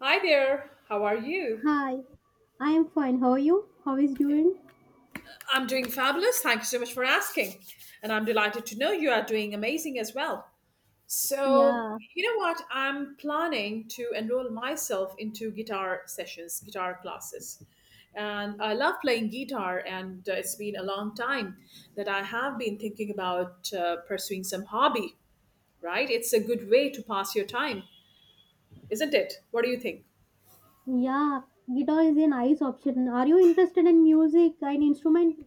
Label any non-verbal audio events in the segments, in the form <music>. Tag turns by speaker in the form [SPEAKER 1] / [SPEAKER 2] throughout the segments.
[SPEAKER 1] Hi there, how are you?
[SPEAKER 2] Hi, I am fine. How are you? How is doing?
[SPEAKER 1] I'm doing fabulous. Thank you so much for asking. And I'm delighted to know you are doing amazing as well. So,
[SPEAKER 2] Yeah,
[SPEAKER 1] you know what? I'm planning to enroll myself into guitar sessions, guitar classes. And I love playing guitar, and it's been a long time that I have been thinking about pursuing some hobby, right? It's a good way to pass your time, isn't it? What do you think?
[SPEAKER 2] yeah. Guitar is a nice option. Are you interested in music and instrument?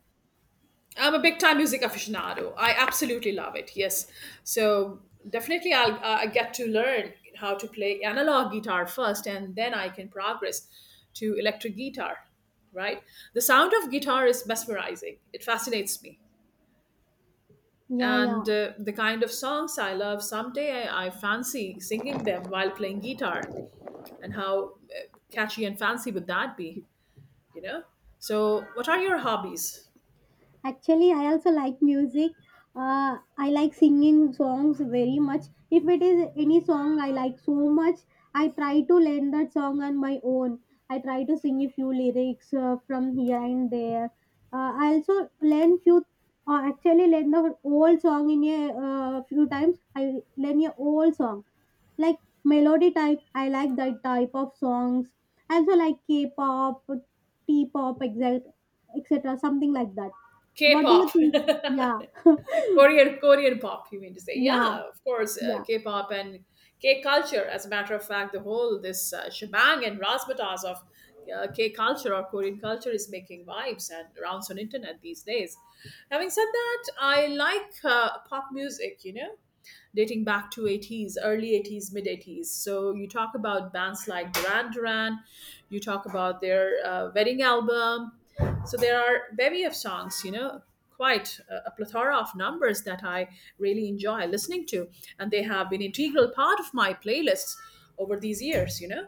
[SPEAKER 1] I'm a big time music aficionado. I absolutely love it. Yes, so definitely I get to learn how to play analog guitar first, and then I can progress to electric guitar. Right, the sound of guitar is mesmerizing. It fascinates me,
[SPEAKER 2] Yeah, yeah.
[SPEAKER 1] and the kind of songs I love. Someday I fancy singing them while playing guitar, and how catchy and fancy would that be? You know. So, what are your hobbies?
[SPEAKER 2] Actually, I also like music. I like singing songs very much. If it is any song I like so much, I try to learn that song on my own. I try to sing a few lyrics from here and there. I also learn few. Actually, learn the old song in a few times. I learn a old song like melody type. I like that type of songs. I also like K-pop, T-pop, exact, etc. Something like that. What do you
[SPEAKER 1] K-pop.
[SPEAKER 2] think?
[SPEAKER 1] <laughs>
[SPEAKER 2] Yeah, <laughs>
[SPEAKER 1] Korean pop, you mean to say?
[SPEAKER 2] yeah,
[SPEAKER 1] Yeah, of course,
[SPEAKER 2] yeah,
[SPEAKER 1] K-pop and K culture. As a matter of fact, the whole this shebang and razzmatazz of K culture or Korean culture is making vibes and rounds on internet these days. Having said that, I like pop music. You know, dating back to 80s, early 80s, mid 80s. So you talk about bands like Duran Duran, you talk about their wedding album. So there are bevy of songs, you know, quite a plethora of numbers that I really enjoy listening to, and they have been an integral part of my playlists over these years, you know,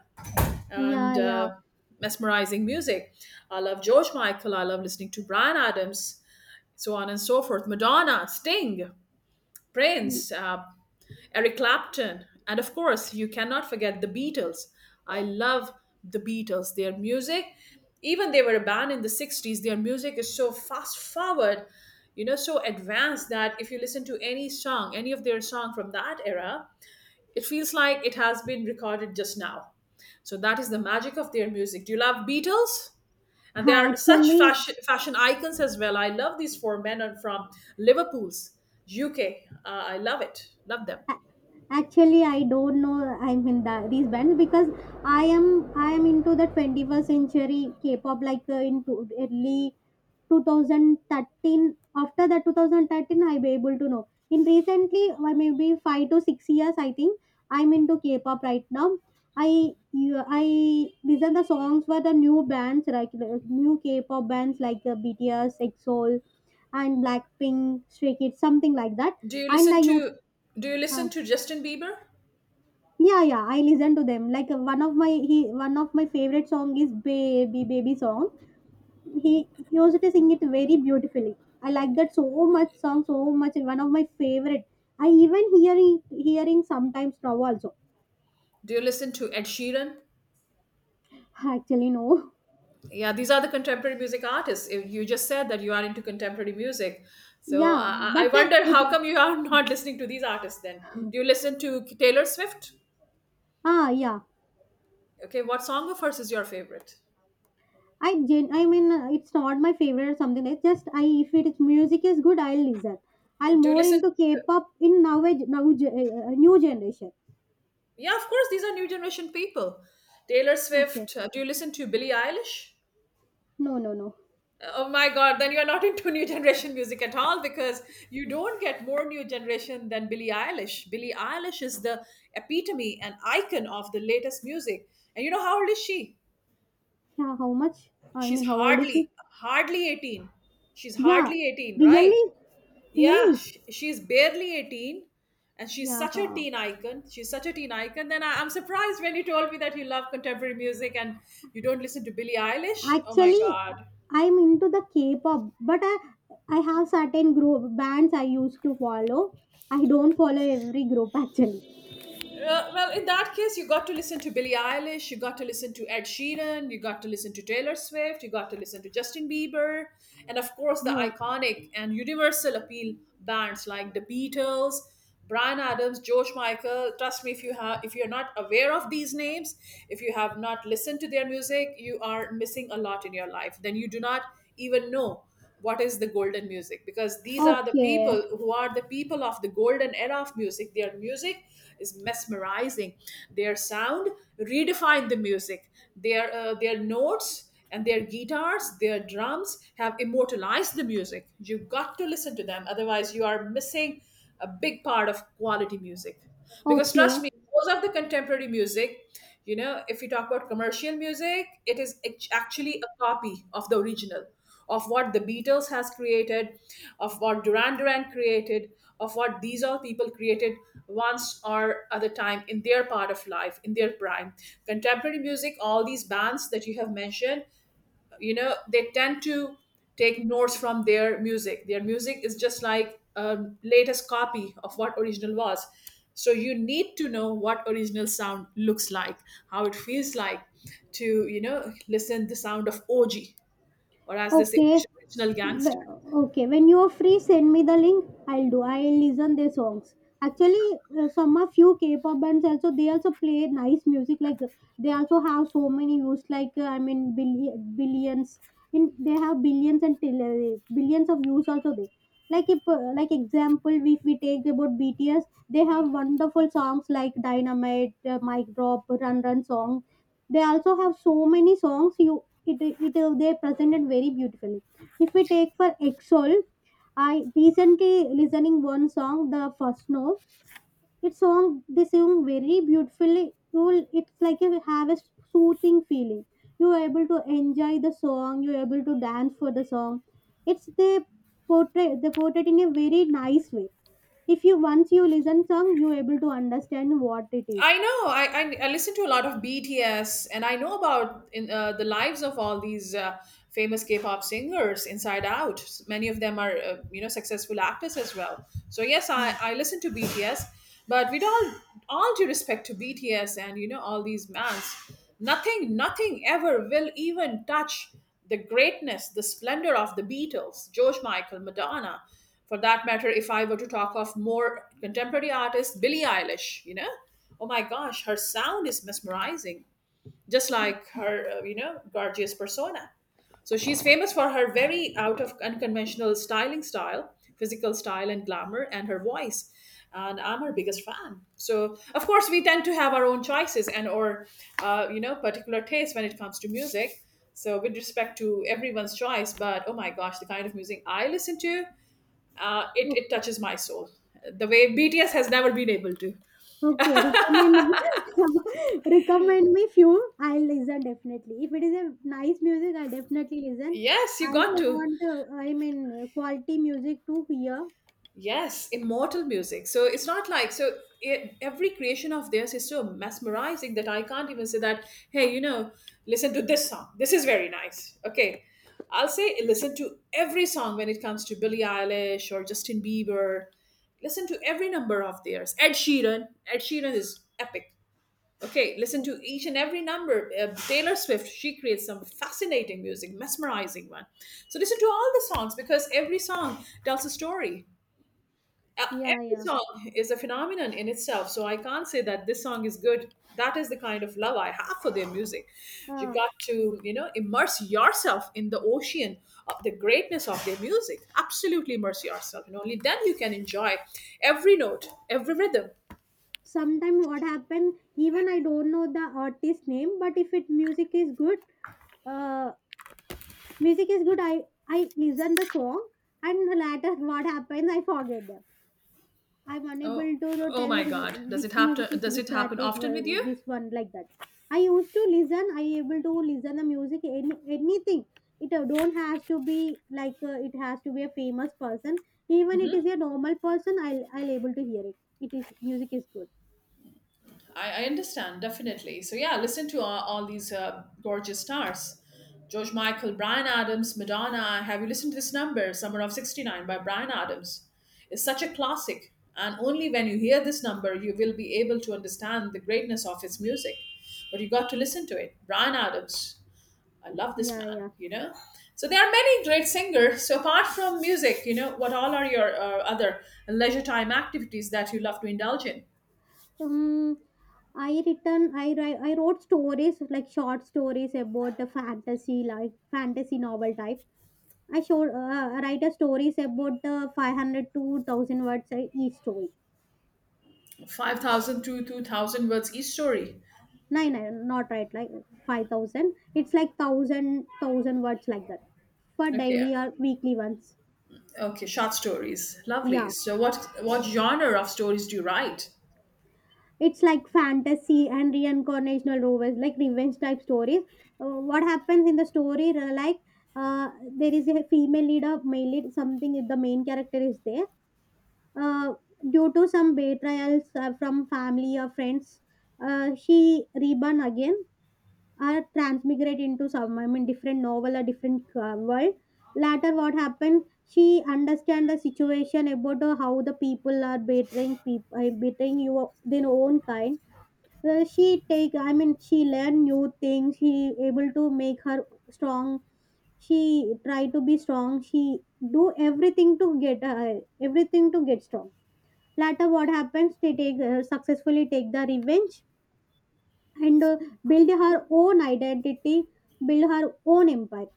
[SPEAKER 1] and.
[SPEAKER 2] yeah, yeah.
[SPEAKER 1] Mesmerizing music. I love George Michael. I love listening to Brian Adams, so on and so forth. Madonna, Sting, Prince, Eric Clapton, and of course, you cannot forget the Beatles. I love the Beatles, their music. Even they were a band in the 60s, their music is so fast forward, you know, so advanced that if you listen to any song, any of their song from that era, it feels like it has been recorded just now. So that is the magic of their music. Do you love Beatles?
[SPEAKER 2] <laughs>
[SPEAKER 1] And they are such
[SPEAKER 2] Actually,
[SPEAKER 1] fashion icons as well. I love these four men are from Liverpool's UK. I love it. Love them.
[SPEAKER 2] actually, I don't know, I mean these bands because I am into the 21st century K-pop, like into early 2013, after the 2013, I'm able to know in recently, why maybe 5 to 6 years, I think I'm into K-pop right now. I you- i listen the songs for the new bands, like new K-pop bands like BTS, EXO, and Blackpink, Stray Kids, something like that.
[SPEAKER 1] Do you
[SPEAKER 2] And I
[SPEAKER 1] listen
[SPEAKER 2] use.
[SPEAKER 1] to Do you listen to Justin Bieber?
[SPEAKER 2] Yeah, yeah, I listen to them. Like one of my favorite song is Baby Baby song. He also to sing it very beautifully. I like that so much song so much. One of my favorite. I even hearing sometimes now also.
[SPEAKER 1] Do you listen to Ed Sheeran?
[SPEAKER 2] Actually no. <laughs>
[SPEAKER 1] Yeah, these are the contemporary music artists. If you just said that you are into contemporary music, so
[SPEAKER 2] Yeah,
[SPEAKER 1] I
[SPEAKER 2] but
[SPEAKER 1] wonder how
[SPEAKER 2] it,
[SPEAKER 1] come you are <laughs> not listening to these artists. Then do you listen to Taylor Swift?
[SPEAKER 2] ah yeah.
[SPEAKER 1] Okay, what song of hers is your favorite?
[SPEAKER 2] I mean it's not my favorite or something. It's just, I if it's music is good, I'll listen. I'll
[SPEAKER 1] Do you
[SPEAKER 2] more
[SPEAKER 1] listen?
[SPEAKER 2] into K-pop in now, now new generation.
[SPEAKER 1] Yeah, of course, these are new generation people. Taylor
[SPEAKER 2] Okay.
[SPEAKER 1] Swift. Do you listen to Billie Eilish?
[SPEAKER 2] No, no, no.
[SPEAKER 1] Oh my God, then you're not into new generation music at all because you don't get more new generation than Billie Eilish. Billie Eilish is the epitome and icon of the latest music. And you know how old is she?
[SPEAKER 2] Yeah, how much? I
[SPEAKER 1] She's
[SPEAKER 2] mean, how old is
[SPEAKER 1] hardly,
[SPEAKER 2] she?
[SPEAKER 1] hardly 18. She's
[SPEAKER 2] Yeah,
[SPEAKER 1] hardly 18, right?
[SPEAKER 2] really?
[SPEAKER 1] Yeah,
[SPEAKER 2] Really?
[SPEAKER 1] she's barely 18 and she's
[SPEAKER 2] Yeah.
[SPEAKER 1] such a teen icon. She's such a teen icon. Then I'm surprised when you told me that you love contemporary music and you don't listen to Billie Eilish. Oh my
[SPEAKER 2] Actually,
[SPEAKER 1] God.
[SPEAKER 2] I'm into the K-pop, but I have certain group bands I used to follow. I don't follow every group <laughs> actually.
[SPEAKER 1] Well, in that case, you got to listen to Billie Eilish, you got to listen to Ed Sheeran, you got to listen to Taylor Swift, you got to listen to Justin Bieber, and of course, the
[SPEAKER 2] Oh,
[SPEAKER 1] iconic and universal appeal bands like the Beatles, Brian Adams, George Michael. Trust me, if you have, if you're not aware of these names, if you have not listened to their music, you are missing a lot in your life. Then you do not even know what is the golden music, because these are the
[SPEAKER 2] okay,
[SPEAKER 1] people who are the people of the golden era of music. Their music is mesmerizing, their sound redefined the music, their notes and their guitars, their drums have immortalized the music. You've got to listen to them, otherwise you are missing a big part of quality music, because
[SPEAKER 2] okay.
[SPEAKER 1] trust me, most of the contemporary music, you know, if you talk about commercial music, it is actually a copy of the original, of what the Beatles has created, of what Duran Duran created, of what these all people created once or other time in their part of life, in their prime. Contemporary music, all these bands that you have mentioned, you know, they tend to take notes from their music. Their music is just like a latest copy of what original was. So you need to know what original sound looks like, how it feels like, to, you know, listen the sound of OG, or as they say,
[SPEAKER 2] Okay.
[SPEAKER 1] original gangster.
[SPEAKER 2] Wh- Okay, when you are free, send me the link. I'll do. I'll listen their songs. Actually, some of few K-pop bands also, they also play nice music. Like they also have so many views. Like I mean, billions. In they have billions and till, billions of views also there. Like if like example, if we take about BTS, they have wonderful songs like Dynamite, Mic Drop, Run Run song. They also have so many songs. You it, it They presented very beautifully. If we take for exol, I recently listening one song, the first, no. Its song, they sing very beautifully. You will It's like you have a soothing feeling. You are able to enjoy the song, you are able to dance for the song. It's they portray they portray in a very nice way. If you once you listen song, you are able to understand what it is.
[SPEAKER 1] I know. I listen to a lot of BTS, and I know about in the lives of all these famous K-pop singers inside out. Many of them are you know successful actors as well. So yes, I listen to BTS, but with all due respect to BTS and you know all these bands, nothing ever will even touch the greatness, the splendor of the Beatles, George Michael, Madonna. For that matter, if I were to talk of more contemporary artists, Billie Eilish, you know, oh my gosh, her sound is mesmerizing, just like her, you know, gorgeous persona. So she's famous for her very out of unconventional styling style, physical style, and glamour, and her voice. And I'm her biggest fan. So of course we tend to have our own choices and or you know particular taste when it comes to music. So with respect to everyone's choice, but oh my gosh, the kind of music I listen to, it
[SPEAKER 2] Mm.
[SPEAKER 1] touches my soul the way BTS has never been able to.
[SPEAKER 2] Okay, recommend <laughs> recommend me few. I'll listen definitely. If it is a nice music, I definitely listen.
[SPEAKER 1] Yes,
[SPEAKER 2] I
[SPEAKER 1] you
[SPEAKER 2] also
[SPEAKER 1] got to.
[SPEAKER 2] want, I mean, quality music to hear.
[SPEAKER 1] Yes, immortal music. So it's not like so it, every creation of theirs is so mesmerizing that I can't even say that. Hey, you know, listen to this song. This is very nice. Okay, I'll say listen to every song when it comes to Billie Eilish or Justin Bieber. Listen to every number of theirs. Ed Sheeran. Ed Sheeran is epic. Okay, listen
[SPEAKER 2] Oh,
[SPEAKER 1] to each and every number. Taylor Swift, she creates some fascinating music, mesmerizing one. So listen to all the songs because every song tells a story.
[SPEAKER 2] yeah,
[SPEAKER 1] Every
[SPEAKER 2] yeah.
[SPEAKER 1] song is a phenomenon in itself, so I can't say that this song is good. That is the kind of love I have for their music. You
[SPEAKER 2] Uh,
[SPEAKER 1] got to, you know, immerse yourself in the ocean of the greatness of their music. Absolutely immerse yourself, and only then you can enjoy every note, every rhythm.
[SPEAKER 2] Sometimes what happen? Even I don't know the artist name, but if it music is good, uh, music is good. I listen the song, and later what happens? I forget. I'm unable
[SPEAKER 1] Oh,
[SPEAKER 2] to though
[SPEAKER 1] oh my
[SPEAKER 2] tell who,
[SPEAKER 1] God, does it
[SPEAKER 2] which
[SPEAKER 1] happen?
[SPEAKER 2] music is
[SPEAKER 1] Does it
[SPEAKER 2] which
[SPEAKER 1] happen
[SPEAKER 2] artist,
[SPEAKER 1] often with you?
[SPEAKER 2] this one like that. I used to listen. I able to listen the music anything. It don't has to be like it has to be a famous person. Even it is a normal person, I'll able to hear it. It is music is good.
[SPEAKER 1] I understand definitely. So yeah, listen to all these gorgeous stars: George Michael, Brian Adams, Madonna. Have you listened to this number, "Summer of '69" by Brian Adams? It's such a classic, and only when you hear this number, you will be able to understand the greatness of his music. But you got to listen to it, Brian Adams. I love this
[SPEAKER 2] Yeah,
[SPEAKER 1] man.
[SPEAKER 2] yeah.
[SPEAKER 1] You know. So there are many great singers. So apart from music, you know, what all are your other leisure time activities that you love to indulge in?
[SPEAKER 2] Um, I written I write I wrote stories, like short stories about the fantasy, like fantasy novel type. I showed write a stories about the 500 to 1000 words each story.
[SPEAKER 1] 5,000 to 2,000 words each story.
[SPEAKER 2] No, no, not right like 5000. It's like 1000 words like that for
[SPEAKER 1] Okay.
[SPEAKER 2] daily or weekly ones.
[SPEAKER 1] Okay, short stories. Lovely.
[SPEAKER 2] Yeah.
[SPEAKER 1] So what genre of stories do you write?
[SPEAKER 2] It's like fantasy and reincarnational Rovers, like revenge type stories. What happens in the story, like uh, there is a female lead or male lead, something, if the main character is there. Uh, Due to some betrayals from family or friends, she reborn again or transmigrate into some, I mean, different novel or different world. Later, what happened? She understand the situation about how the people are betraying people, betraying you their own kind. She take, I mean, she learn new things. She able to make her strong. She try to be strong. She do everything to get strong. Later, what happens? They take, successfully take the revenge and build her own identity, build her own empire.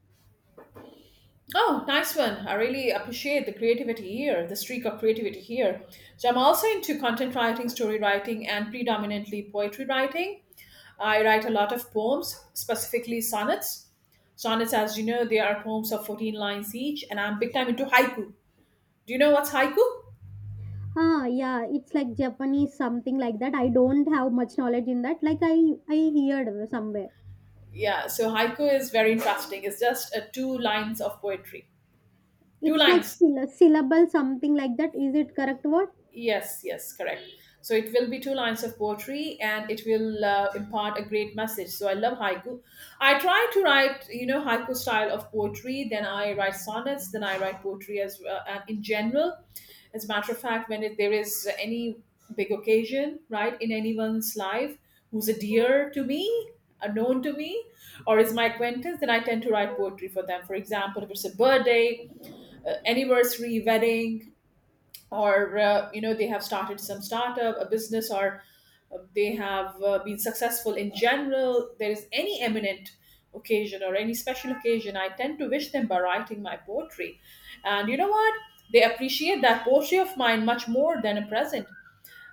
[SPEAKER 1] Oh, nice one. I really appreciate the creativity here, the streak of creativity here. So I'm also into content writing, story writing, and predominantly poetry writing. I write a lot of poems, specifically sonnets. Sonnets, as you know, they are poems of 14 lines each, and I'm big time into haiku. Do you know what's haiku?
[SPEAKER 2] Ah, yeah, it's like Japanese, something like that. I don't have much knowledge in that. Like I heard somewhere.
[SPEAKER 1] Yeah, so haiku is very interesting. It's just two lines of poetry. Two
[SPEAKER 2] It's like
[SPEAKER 1] lines.
[SPEAKER 2] syllable, something like that. Is it correct word?
[SPEAKER 1] Yes, yes, correct. So it will be two lines of poetry and it will impart a great message. So I love haiku. I try to write, you know, haiku style of poetry, then I write sonnets, then I write poetry as well. And in general, as a matter of fact, when it, there is any big occasion, right, in anyone's life who's a dear to me, a known to me, or is my acquaintance, then I tend to write poetry for them. For example, if it's a birthday, anniversary, wedding, or you know they have started some startup a business or they have been successful in general there is any eminent occasion or any special occasion I tend to wish them by writing my poetry. And you know what, they appreciate that poetry of mine much more than a present.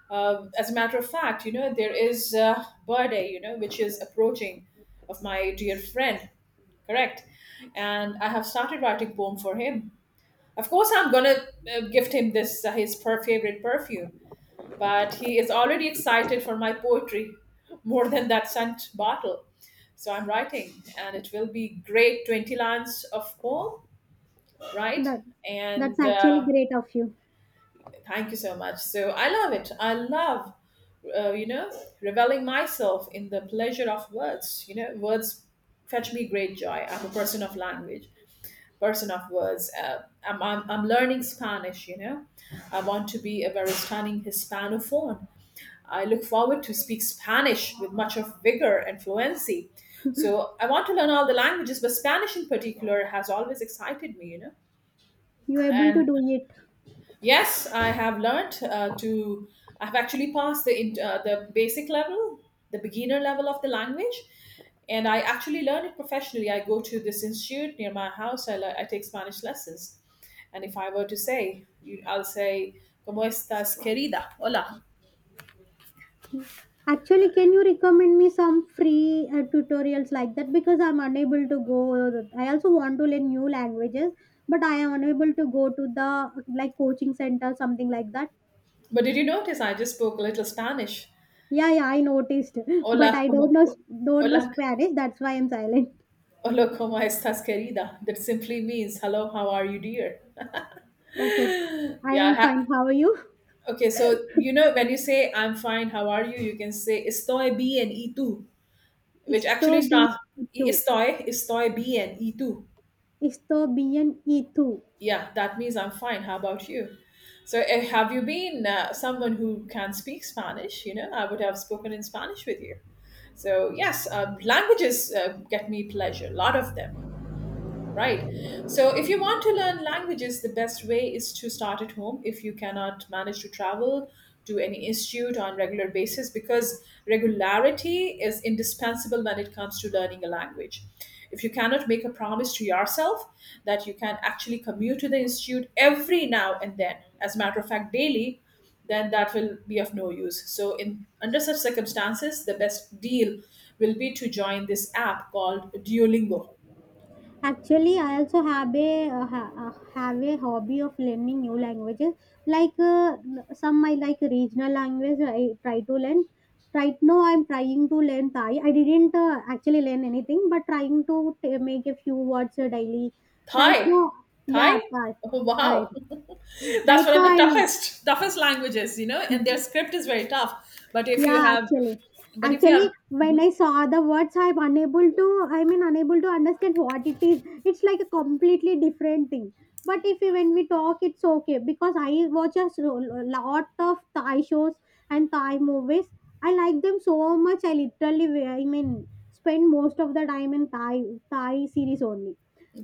[SPEAKER 1] Uh, as a matter of fact, you know, there is a birthday, you know, which is approaching of my dear friend. Correct. And I have started writing poem for him. Of course, I'm gonna gift him this favorite perfume, but he is already excited for my poetry <laughs> more than that scent bottle. So I'm writing, and it will be great 20 lines of poem, right?
[SPEAKER 2] That, that's
[SPEAKER 1] And
[SPEAKER 2] actually great of you.
[SPEAKER 1] thank you so much. So I love it. I love, uh, you know, reveling myself in the pleasure of words. You know, words fetch me great joy. I'm a person of language. Person of words. I'm learning Spanish, you know. I want to be a very stunning Hispanophone. I look forward to speak Spanish with much of vigor and fluency. So I want to learn all the languages, but Spanish in particular has always excited me, you know.
[SPEAKER 2] You're able to
[SPEAKER 1] And
[SPEAKER 2] do it.
[SPEAKER 1] yes, I have learnt to. I've actually passed the the basic level, the beginner level of the language, and I actually learn it professionally. I go to this institute near my house. I take Spanish lessons, and if I were to say, you, I'll say, "Cómo estás, querida?" Hola.
[SPEAKER 2] Actually, can you recommend me some free tutorials like that? Because I'm unable to go. I also want to learn new languages, but I am unable to go to the like coaching center, something like that.
[SPEAKER 1] But did you notice I just spoke a little Spanish?
[SPEAKER 2] Yeah, yeah, I noticed, <laughs> but
[SPEAKER 1] Hola,
[SPEAKER 2] I don't
[SPEAKER 1] cómo,
[SPEAKER 2] know
[SPEAKER 1] co-
[SPEAKER 2] don't know
[SPEAKER 1] hola,
[SPEAKER 2] Spanish. That's why I'm silent.
[SPEAKER 1] hola, cómo estás, querida? That simply means, "Hello, how are you, dear?"
[SPEAKER 2] Okay, I
[SPEAKER 1] Yeah, I
[SPEAKER 2] am
[SPEAKER 1] ha-
[SPEAKER 2] fine. How are you?
[SPEAKER 1] Okay, so you know when you say I'm fine, how are you? You can say estoy bien y tú,
[SPEAKER 2] <laughs>
[SPEAKER 1] which
[SPEAKER 2] Estoy
[SPEAKER 1] actually
[SPEAKER 2] bien
[SPEAKER 1] starts
[SPEAKER 2] y tú.
[SPEAKER 1] estoy bien y tú.
[SPEAKER 2] Estoy bien y tú.
[SPEAKER 1] Yeah, that means I'm fine. How about you? So have you been someone who can speak Spanish? You know, I would have spoken in Spanish with you. So yes, languages get me pleasure. A lot of them. Right. So, if you want to learn languages, the best way is to start at home if you cannot manage to travel to any institute on regular basis, because regularity is indispensable when it comes to learning a language. If you cannot make a promise to yourself that you can actually commute to the institute every now and then, as a matter of fact, daily, then that will be of no use. So, in under such circumstances, the best deal will be to join this app called Duolingo.
[SPEAKER 2] Actually, I also have a hobby of learning new languages. Like some, I like regional language. I try to learn. Right now, I'm trying to learn Thai. I didn't actually learn anything, but trying to make a few words daily. Right
[SPEAKER 1] Thai.
[SPEAKER 2] now,
[SPEAKER 1] Thai?
[SPEAKER 2] yeah, Thai.
[SPEAKER 1] Oh,
[SPEAKER 2] Thai.
[SPEAKER 1] wow. <laughs> That's
[SPEAKER 2] Right
[SPEAKER 1] one of
[SPEAKER 2] now,
[SPEAKER 1] the
[SPEAKER 2] I'm.
[SPEAKER 1] toughest toughest languages, you know, and their script is very tough. But if you
[SPEAKER 2] Yeah,
[SPEAKER 1] have
[SPEAKER 2] actually.
[SPEAKER 1] but if you
[SPEAKER 2] Actually,
[SPEAKER 1] have
[SPEAKER 2] when I saw the words, I'm unable to, I mean, unable to understand what it is. It's like a completely different thing. But if we, when we talk, it's okay because I watch a lot of Thai shows and Thai movies. I like them so much. I literally, I mean, spend most of the time in Thai series only.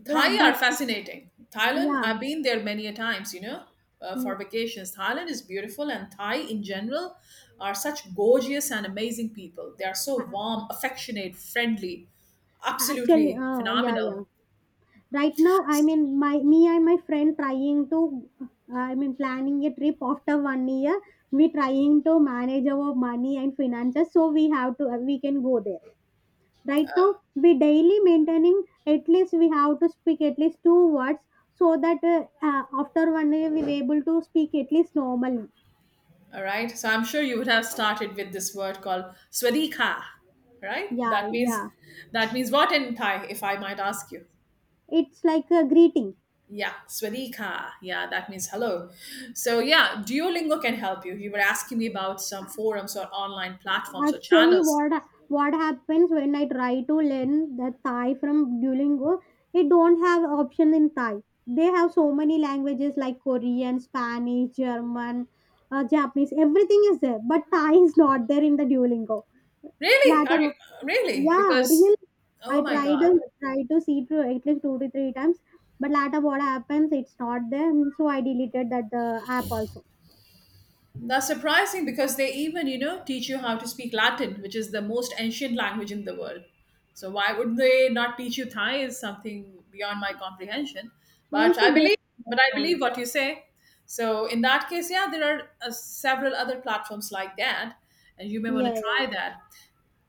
[SPEAKER 2] That,
[SPEAKER 1] Thai are
[SPEAKER 2] that's
[SPEAKER 1] fascinating. Thailand,
[SPEAKER 2] Yeah,
[SPEAKER 1] I've been there many a times, you know, for
[SPEAKER 2] yeah.
[SPEAKER 1] vacations. Thailand is beautiful and Thai in general are such gorgeous and amazing people. They are so warm, affectionate, friendly,
[SPEAKER 2] Actually,
[SPEAKER 1] absolutely
[SPEAKER 2] yeah, yeah.
[SPEAKER 1] phenomenal.
[SPEAKER 2] Right now, I mean, my me and my friend trying to, I mean, planning a trip after one year. We trying to manage our money and finances, so we have to we can go there right now. We daily maintaining, at least we have to speak at least two words, so that after one year we were able to speak at least normally.
[SPEAKER 1] All right. So I'm sure you would have started with this word called swadika, right?
[SPEAKER 2] Yeah,
[SPEAKER 1] That means
[SPEAKER 2] yeah,
[SPEAKER 1] that means what in Thai, if I might ask you.
[SPEAKER 2] it's like a greeting.
[SPEAKER 1] Yeah, swadika. Yeah, that means hello. So yeah, Duolingo can help you. You were asking me about some forums or online platforms or
[SPEAKER 2] Actually,
[SPEAKER 1] channels.
[SPEAKER 2] what happens when I try to learn the Thai from Duolingo? They don't have option in Thai. They have so many languages like Korean, Spanish, German, Japanese. Everything is there, but Thai is not there in the Duolingo.
[SPEAKER 1] Really? Are you
[SPEAKER 2] Later,
[SPEAKER 1] really?
[SPEAKER 2] yeah,
[SPEAKER 1] Because
[SPEAKER 2] really.
[SPEAKER 1] oh
[SPEAKER 2] I
[SPEAKER 1] my
[SPEAKER 2] tried
[SPEAKER 1] god.
[SPEAKER 2] and tried to see through at least two to three times, but later what happens? It's not there, so I deleted that the app also.
[SPEAKER 1] That's surprising because they even, you know, teach you how to speak Latin, which is the most ancient language in the world. So why would they not teach you Thai is something beyond my comprehension.
[SPEAKER 2] I
[SPEAKER 1] But
[SPEAKER 2] also
[SPEAKER 1] I
[SPEAKER 2] don't
[SPEAKER 1] believe, but I believe
[SPEAKER 2] understand.
[SPEAKER 1] what you say. So in that case, yeah, there are several other platforms like that, and you may want to
[SPEAKER 2] Yeah, yeah.
[SPEAKER 1] try that.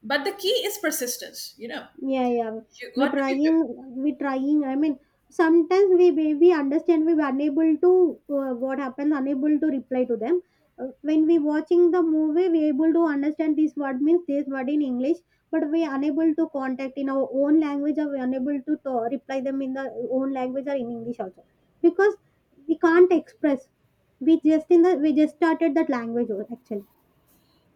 [SPEAKER 1] But the key is persistence. You know,
[SPEAKER 2] Yeah, yeah.
[SPEAKER 1] you
[SPEAKER 2] we
[SPEAKER 1] got to be.
[SPEAKER 2] trying, we trying. I mean, sometimes we understand, we were unable to, what happens, unable to reply to them. When we watching the movie, we able to understand this word means this word in English, but we unable to contact in our own language or we unable to reply them in the own language or in English also because we can't express. We just started that language actually.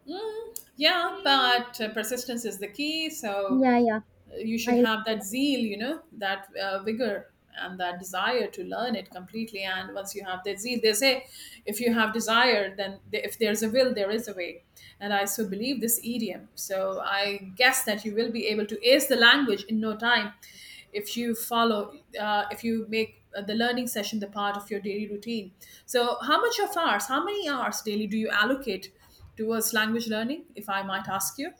[SPEAKER 1] Mm, yeah, but persistence is the key. So
[SPEAKER 2] Yeah, yeah.
[SPEAKER 1] you should
[SPEAKER 2] I
[SPEAKER 1] have that zeal, you know, that vigor and that desire to learn it completely, and once you have that zeal, they say if you have desire, then if there's a will there is a way, and I so believe this idiom. So I guess that you will be able to ace the language in no time if you follow if you make the learning session the part of your daily routine. So how much of hours, how many hours daily do you allocate towards language learning, if I might ask you?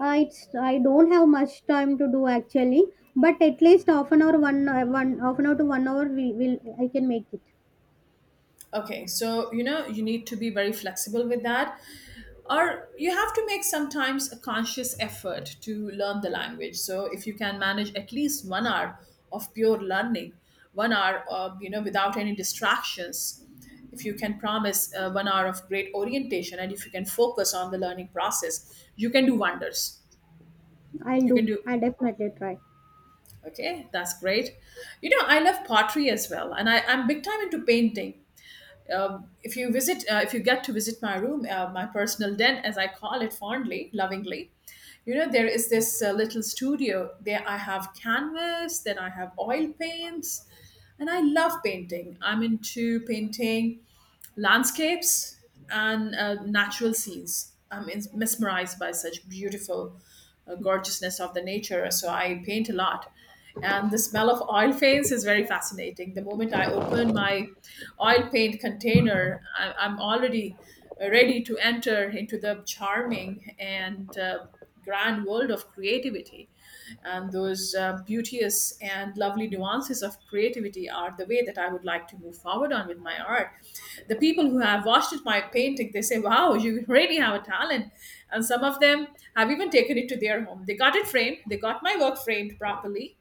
[SPEAKER 2] It's, I don't have much time to do actually, but at least half an hour, one half an hour to one hour, we will I can make it.
[SPEAKER 1] Okay, so you know, you need to be very flexible with that, or you have to make sometimes a conscious effort to learn the language. So, if you can manage at least 1 hour of pure learning, 1 hour, of, you know, without any distractions, if you can promise 1 hour of great orientation and if you can focus on the learning process, you can do wonders.
[SPEAKER 2] I'll
[SPEAKER 1] You can
[SPEAKER 2] do.
[SPEAKER 1] do,
[SPEAKER 2] I definitely try.
[SPEAKER 1] okay, that's great. You know, I love pottery as well, and I'm big time into painting. If you visit, if you get to visit my room, my personal den, as I call it fondly, lovingly, you know there is this little studio. There I have canvas, then I have oil paints, and I love painting. I'm into painting landscapes and natural scenes. Mesmerized by such beautiful gorgeousness of the nature. So I paint a lot. And the smell of oil paints is very fascinating. The moment I open my oil paint container, I'm already ready to enter into the charming and grand world of creativity, and those beauteous and lovely nuances of creativity are the way that I would like to move forward on with my art. The people who have watched it, my painting, they say, "Wow, you really have a talent," and some of them have even taken it to their home. They got it framed. They got my work framed properly.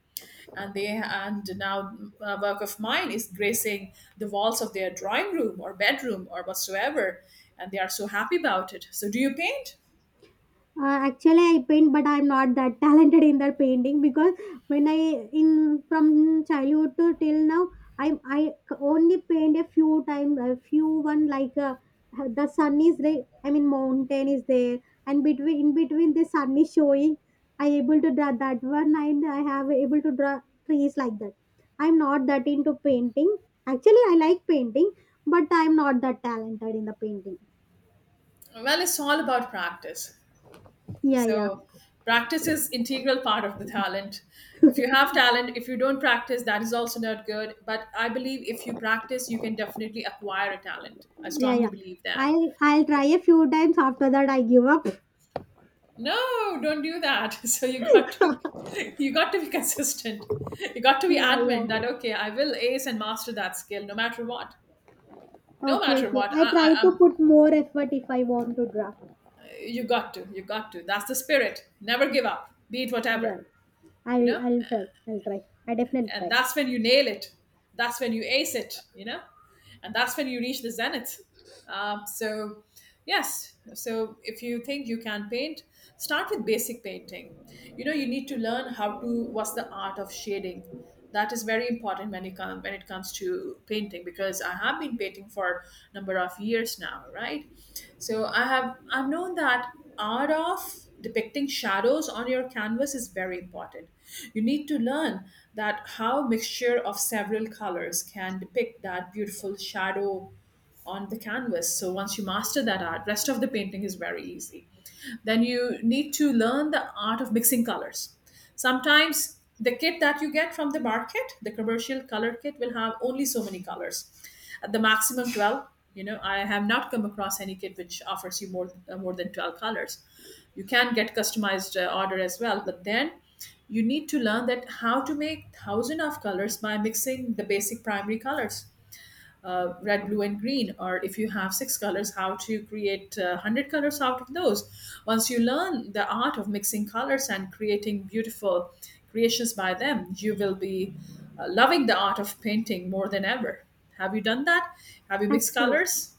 [SPEAKER 1] And they and now a work of mine is gracing the walls of their drawing room or bedroom or whatsoever, and they are so happy about it. So, do you paint?
[SPEAKER 2] Actually, I paint, but I'm not that <laughs> talented in that painting because when I, in from childhood to till now, I I only paint a few times, a few one like the sun is there. I mean, mountain is there, and between in between the sun is showing. I able to draw that one, and I have able to draw trees like that. I'm not that into painting. Actually, I like painting, but I'm not that talented in the painting.
[SPEAKER 1] Well, it's all about practice.
[SPEAKER 2] Yeah, yeah.
[SPEAKER 1] So practice is integral part of the talent. If you have talent, if you don't practice, that is also not good. But I believe if you practice, you can definitely acquire a talent. I
[SPEAKER 2] Yeah,
[SPEAKER 1] strongly
[SPEAKER 2] yeah.
[SPEAKER 1] believe that.
[SPEAKER 2] I'll try a few times. After that, I give up.
[SPEAKER 1] No, don't do that. <laughs> So you got to <laughs> you got to be consistent. You got to be
[SPEAKER 2] Yeah,
[SPEAKER 1] adamant
[SPEAKER 2] yeah.
[SPEAKER 1] that okay, I will ace and master that skill no matter what. No
[SPEAKER 2] Okay,
[SPEAKER 1] matter
[SPEAKER 2] okay.
[SPEAKER 1] what,
[SPEAKER 2] I try to put more effort if I want to draft.
[SPEAKER 1] you got to, you got to. That's the spirit. Never give up. Be it
[SPEAKER 2] Yeah,
[SPEAKER 1] whatever, you
[SPEAKER 2] I'll
[SPEAKER 1] know.
[SPEAKER 2] I'll try. I'll try. I definitely
[SPEAKER 1] And
[SPEAKER 2] try.
[SPEAKER 1] that's when you nail it, that's when you ace it, you know, and that's when you reach the zenith. So, yes, so if you think you can paint, start with basic painting. You know, you need to learn what's the art of shading. That is very important when when it comes to painting, because I have been painting for a number of years now, right? So I've known that art of depicting shadows on your canvas is very important. You need to learn that how mixture of several colors can depict that beautiful shadow on the canvas. So once you master that art, rest of the painting is very easy. Then you need to learn the art of mixing colors. Sometimes the kit that you get from the market, the commercial color kit, will have only so many colors, at the maximum 12. You know, I have not come across any kit which offers you more more than 12 colors. You can get customized order as well, but then you need to learn that how to make thousand of colors by mixing the basic primary colors, red, blue, and green, or if you have six colors, how to create 100 colors out of those. Once you learn the art of mixing colors and creating beautiful creations by them, you will be loving the art of painting more than ever. Have you done that? Have you mixed
[SPEAKER 2] Actually,
[SPEAKER 1] colors?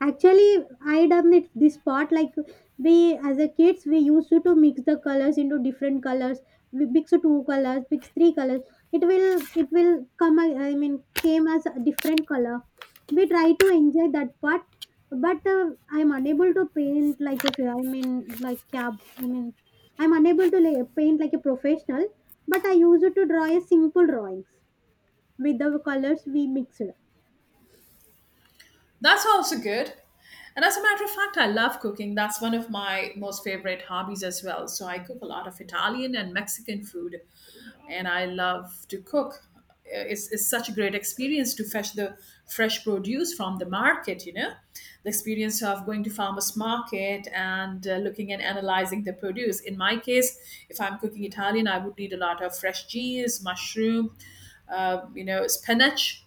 [SPEAKER 2] Actually, I done it this part like we as a kids we used to mix the colors into different colors. We mix two colors, mix three colors. It will come. I mean, came as a different color. We try to enjoy that part, but I'm unable to paint like, if I mean, like cab. I mean, I'm unable to paint like a professional. But I used to draw a simple drawings with the colors we mixed.
[SPEAKER 1] That's also good. And as a matter of fact, I love cooking. That's one of my most favorite hobbies as well. So I cook a lot of Italian and Mexican food. And I love to cook. It's it's such a great experience to fetch the fresh produce from the market, you know. The experience of going to farmers market and looking and analyzing the produce. In my case, if I'm cooking Italian, I would need a lot of fresh cheese, mushroom, spinach,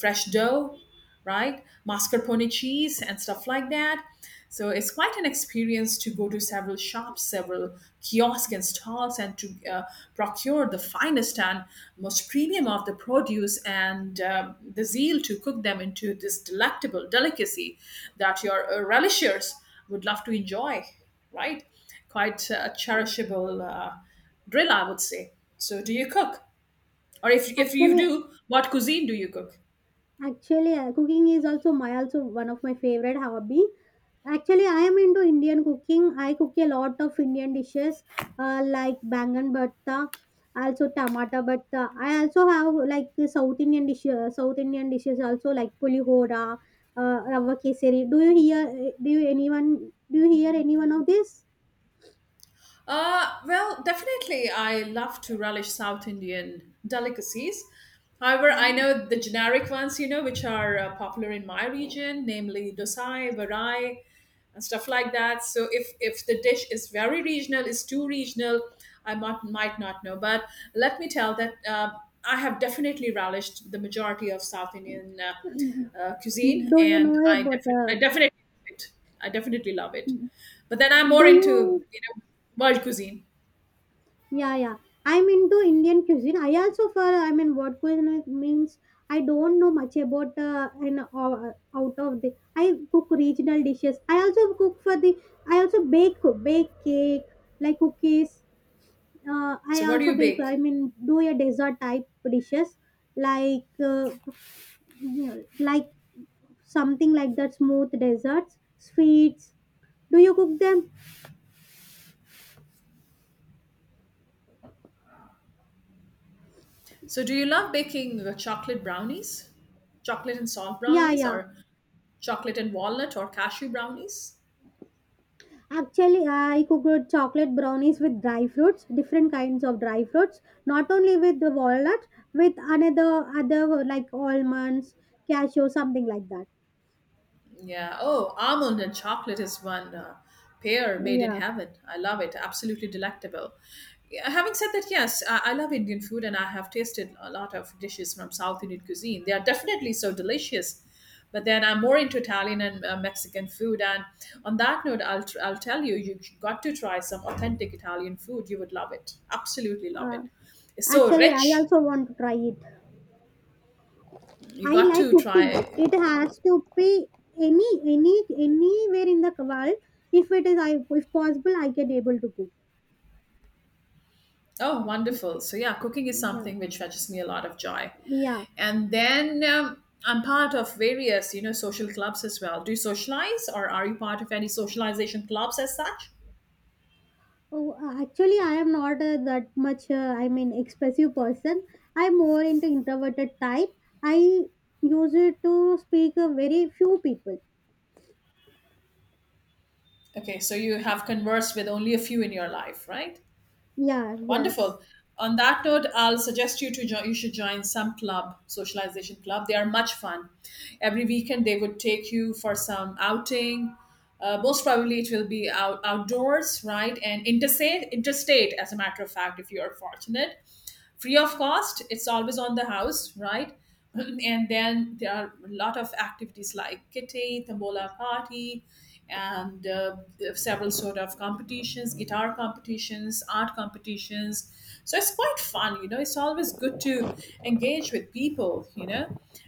[SPEAKER 1] fresh dough, right? Mascarpone cheese and stuff like that. So it's quite an experience to go to several shops, several kiosks and stalls, and to procure the finest and most premium of the produce, and the zeal to cook them into this delectable delicacy that your relishers would love to enjoy, right? Quite a cherishable drill, I would say. So, do you cook? Or if you
[SPEAKER 2] Actually,
[SPEAKER 1] do, what cuisine do you cook?
[SPEAKER 2] Actually, cooking is also my also one of my favorite hobby. Actually, I am into Indian cooking. I cook a lot of Indian dishes, like bangan bhatta, also tomato bhatta. I also have like the South Indian dish, South Indian dishes also like pulihora, rava kesari. Do you hear? Do you anyone? Do you hear any one of this?
[SPEAKER 1] Well, definitely, I love to relish South Indian delicacies. However, I know the generic ones, you know, which are popular in my region, namely dosai, varai, and stuff like that. So if the dish is very regional, is too regional, I might not know. But let me tell that I have definitely relished the majority of South Indian cuisine,
[SPEAKER 2] Do you know
[SPEAKER 1] and
[SPEAKER 2] about?
[SPEAKER 1] I definitely love it. I definitely love it. But then I'm more
[SPEAKER 2] Do
[SPEAKER 1] into,
[SPEAKER 2] you?
[SPEAKER 1] you know, world cuisine.
[SPEAKER 2] Yeah, yeah. I'm into Indian cuisine. I also for I mean, what cuisine means I don't know much about, and out of the. I cook regional dishes. I also cook for the. I also bake cake like cookies. I
[SPEAKER 1] So what do
[SPEAKER 2] also
[SPEAKER 1] you
[SPEAKER 2] bake. I
[SPEAKER 1] bake?
[SPEAKER 2] mean, do a dessert type dishes like like something like that, smooth desserts, sweets. Do you cook them?
[SPEAKER 1] So do you love baking chocolate brownies, chocolate and salt
[SPEAKER 2] Yeah,
[SPEAKER 1] brownies,
[SPEAKER 2] yeah.
[SPEAKER 1] or chocolate and walnut or cashew brownies?
[SPEAKER 2] Actually, I cooked chocolate brownies with dry fruits, different kinds of dry fruits, not only with the walnut, with another other like almonds, cashew, something like that.
[SPEAKER 1] Yeah. Oh, almond and chocolate is one pair made in
[SPEAKER 2] Yeah.
[SPEAKER 1] heaven. I love it. Absolutely delectable. Yeah, having said that, yes, I love Indian food and I have tasted a lot of dishes from South Indian cuisine. They are definitely so delicious. But then I'm more into Italian and Mexican food. And on that note, I'll tell you, you got to try some authentic Italian food. You would love it. Absolutely love
[SPEAKER 2] Uh,
[SPEAKER 1] it. It's so
[SPEAKER 2] Actually, I
[SPEAKER 1] rich.
[SPEAKER 2] also want to try it.
[SPEAKER 1] You
[SPEAKER 2] I
[SPEAKER 1] got
[SPEAKER 2] like
[SPEAKER 1] to
[SPEAKER 2] cooking.
[SPEAKER 1] try.
[SPEAKER 2] It has to be anywhere in the world. If possible, I can able to cook.
[SPEAKER 1] Oh, wonderful. So, yeah, cooking is
[SPEAKER 2] Yeah.
[SPEAKER 1] something which fetches me a lot of joy.
[SPEAKER 2] Yeah.
[SPEAKER 1] And then I'm part of various, you know, social clubs as well. Do you socialize or are you part of any socialization clubs as such?
[SPEAKER 2] Oh, actually, I am not that much. I mean, expressive person. I'm more into introverted type. I use it to speak a very few people.
[SPEAKER 1] Okay, so you have conversed with only a few in your life, right?
[SPEAKER 2] Yeah. Yes.
[SPEAKER 1] Wonderful. On that note, I'll suggest you to join. You should join some club, socialization club. They are much fun. Every weekend they would take you for some outing. Most probably it will be outdoors, right? And interstate, as a matter of fact, if you are fortunate, free of cost, it's always on the house, right? <clears throat> And then there are a lot of activities like kitty tambola party, and several sort of competitions, guitar competitions, art competitions. So it's quite fun, you know, it's always good to engage with people, you know,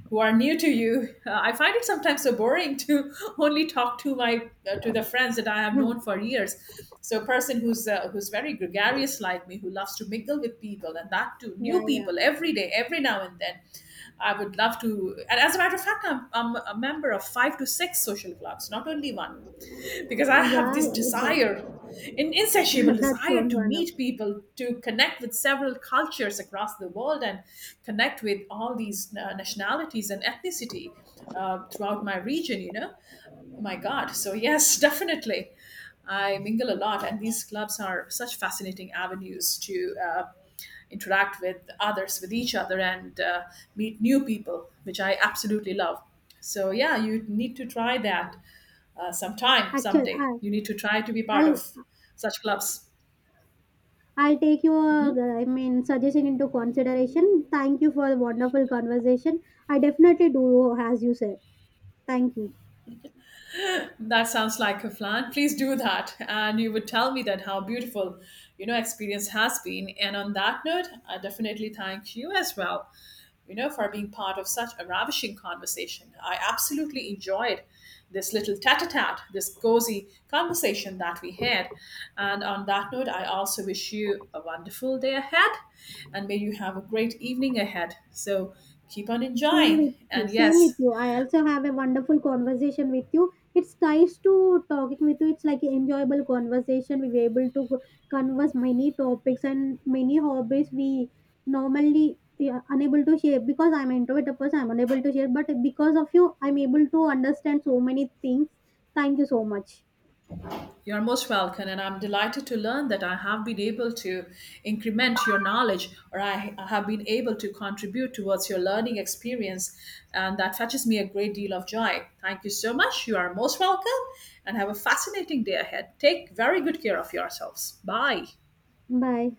[SPEAKER 1] who are new to you. I find it sometimes so boring to <laughs> only talk to my to the friends that I
[SPEAKER 2] <laughs>
[SPEAKER 1] have known
[SPEAKER 2] No.
[SPEAKER 1] for years. So, a person who's very gregarious like me, who loves to mingle with people, and that too,
[SPEAKER 2] Yeah.
[SPEAKER 1] new
[SPEAKER 2] Yeah.
[SPEAKER 1] people every day, every now and then. I would love to. And as a matter of fact, I'm a member of 5 to 6 social clubs, not only one, because I have this
[SPEAKER 2] Yeah.
[SPEAKER 1] desire,
[SPEAKER 2] That,
[SPEAKER 1] an
[SPEAKER 2] <laughs>
[SPEAKER 1] insatiable
[SPEAKER 2] that
[SPEAKER 1] desire
[SPEAKER 2] sounds
[SPEAKER 1] to meet
[SPEAKER 2] wonderful.
[SPEAKER 1] people, to connect with several cultures across the world and connect with all these nationalities and ethnicity throughout my region, you know. Oh my God. So, yes, <laughs> definitely. I mingle a lot, and these clubs are such fascinating avenues to interact with others, with each other, and meet new people, which I absolutely love. So, yeah, you need to try that sometime,
[SPEAKER 2] Actually,
[SPEAKER 1] someday. You need to try to be part
[SPEAKER 2] I'll
[SPEAKER 1] of such clubs.
[SPEAKER 2] I'll take your I mean, suggestion into consideration. Thank you for the wonderful conversation. I definitely do as you said. Thank you.
[SPEAKER 1] That sounds like a plan. Please do that. And you would tell me that how beautiful, you know, experience has been. And on that note, I definitely thank you as well, you know, for being part of such a ravishing conversation. I absolutely enjoyed this little tete-a-tete, this cozy conversation that we had. And on that note, I also wish you a wonderful day ahead and may you have a great evening ahead. So keep on
[SPEAKER 2] Same
[SPEAKER 1] enjoying.
[SPEAKER 2] with you.
[SPEAKER 1] And
[SPEAKER 2] Same with
[SPEAKER 1] yes,
[SPEAKER 2] you. I also have a wonderful conversation with you. It's nice to talking with you. It's like an enjoyable conversation. We were able to converse many topics and many hobbies we normally, yeah, unable to share because I'm an introvert person. I'm unable to share, but because of you, I'm able to understand so many things. Thank you so much.
[SPEAKER 1] you're most welcome, and I'm delighted to learn that I have been able to increment your knowledge, or I have been able to contribute towards your learning experience, and that fetches me a great deal of joy. Thank you so much. You are most welcome, and have a fascinating day ahead. Take very good care of yourselves. Bye.
[SPEAKER 2] Bye.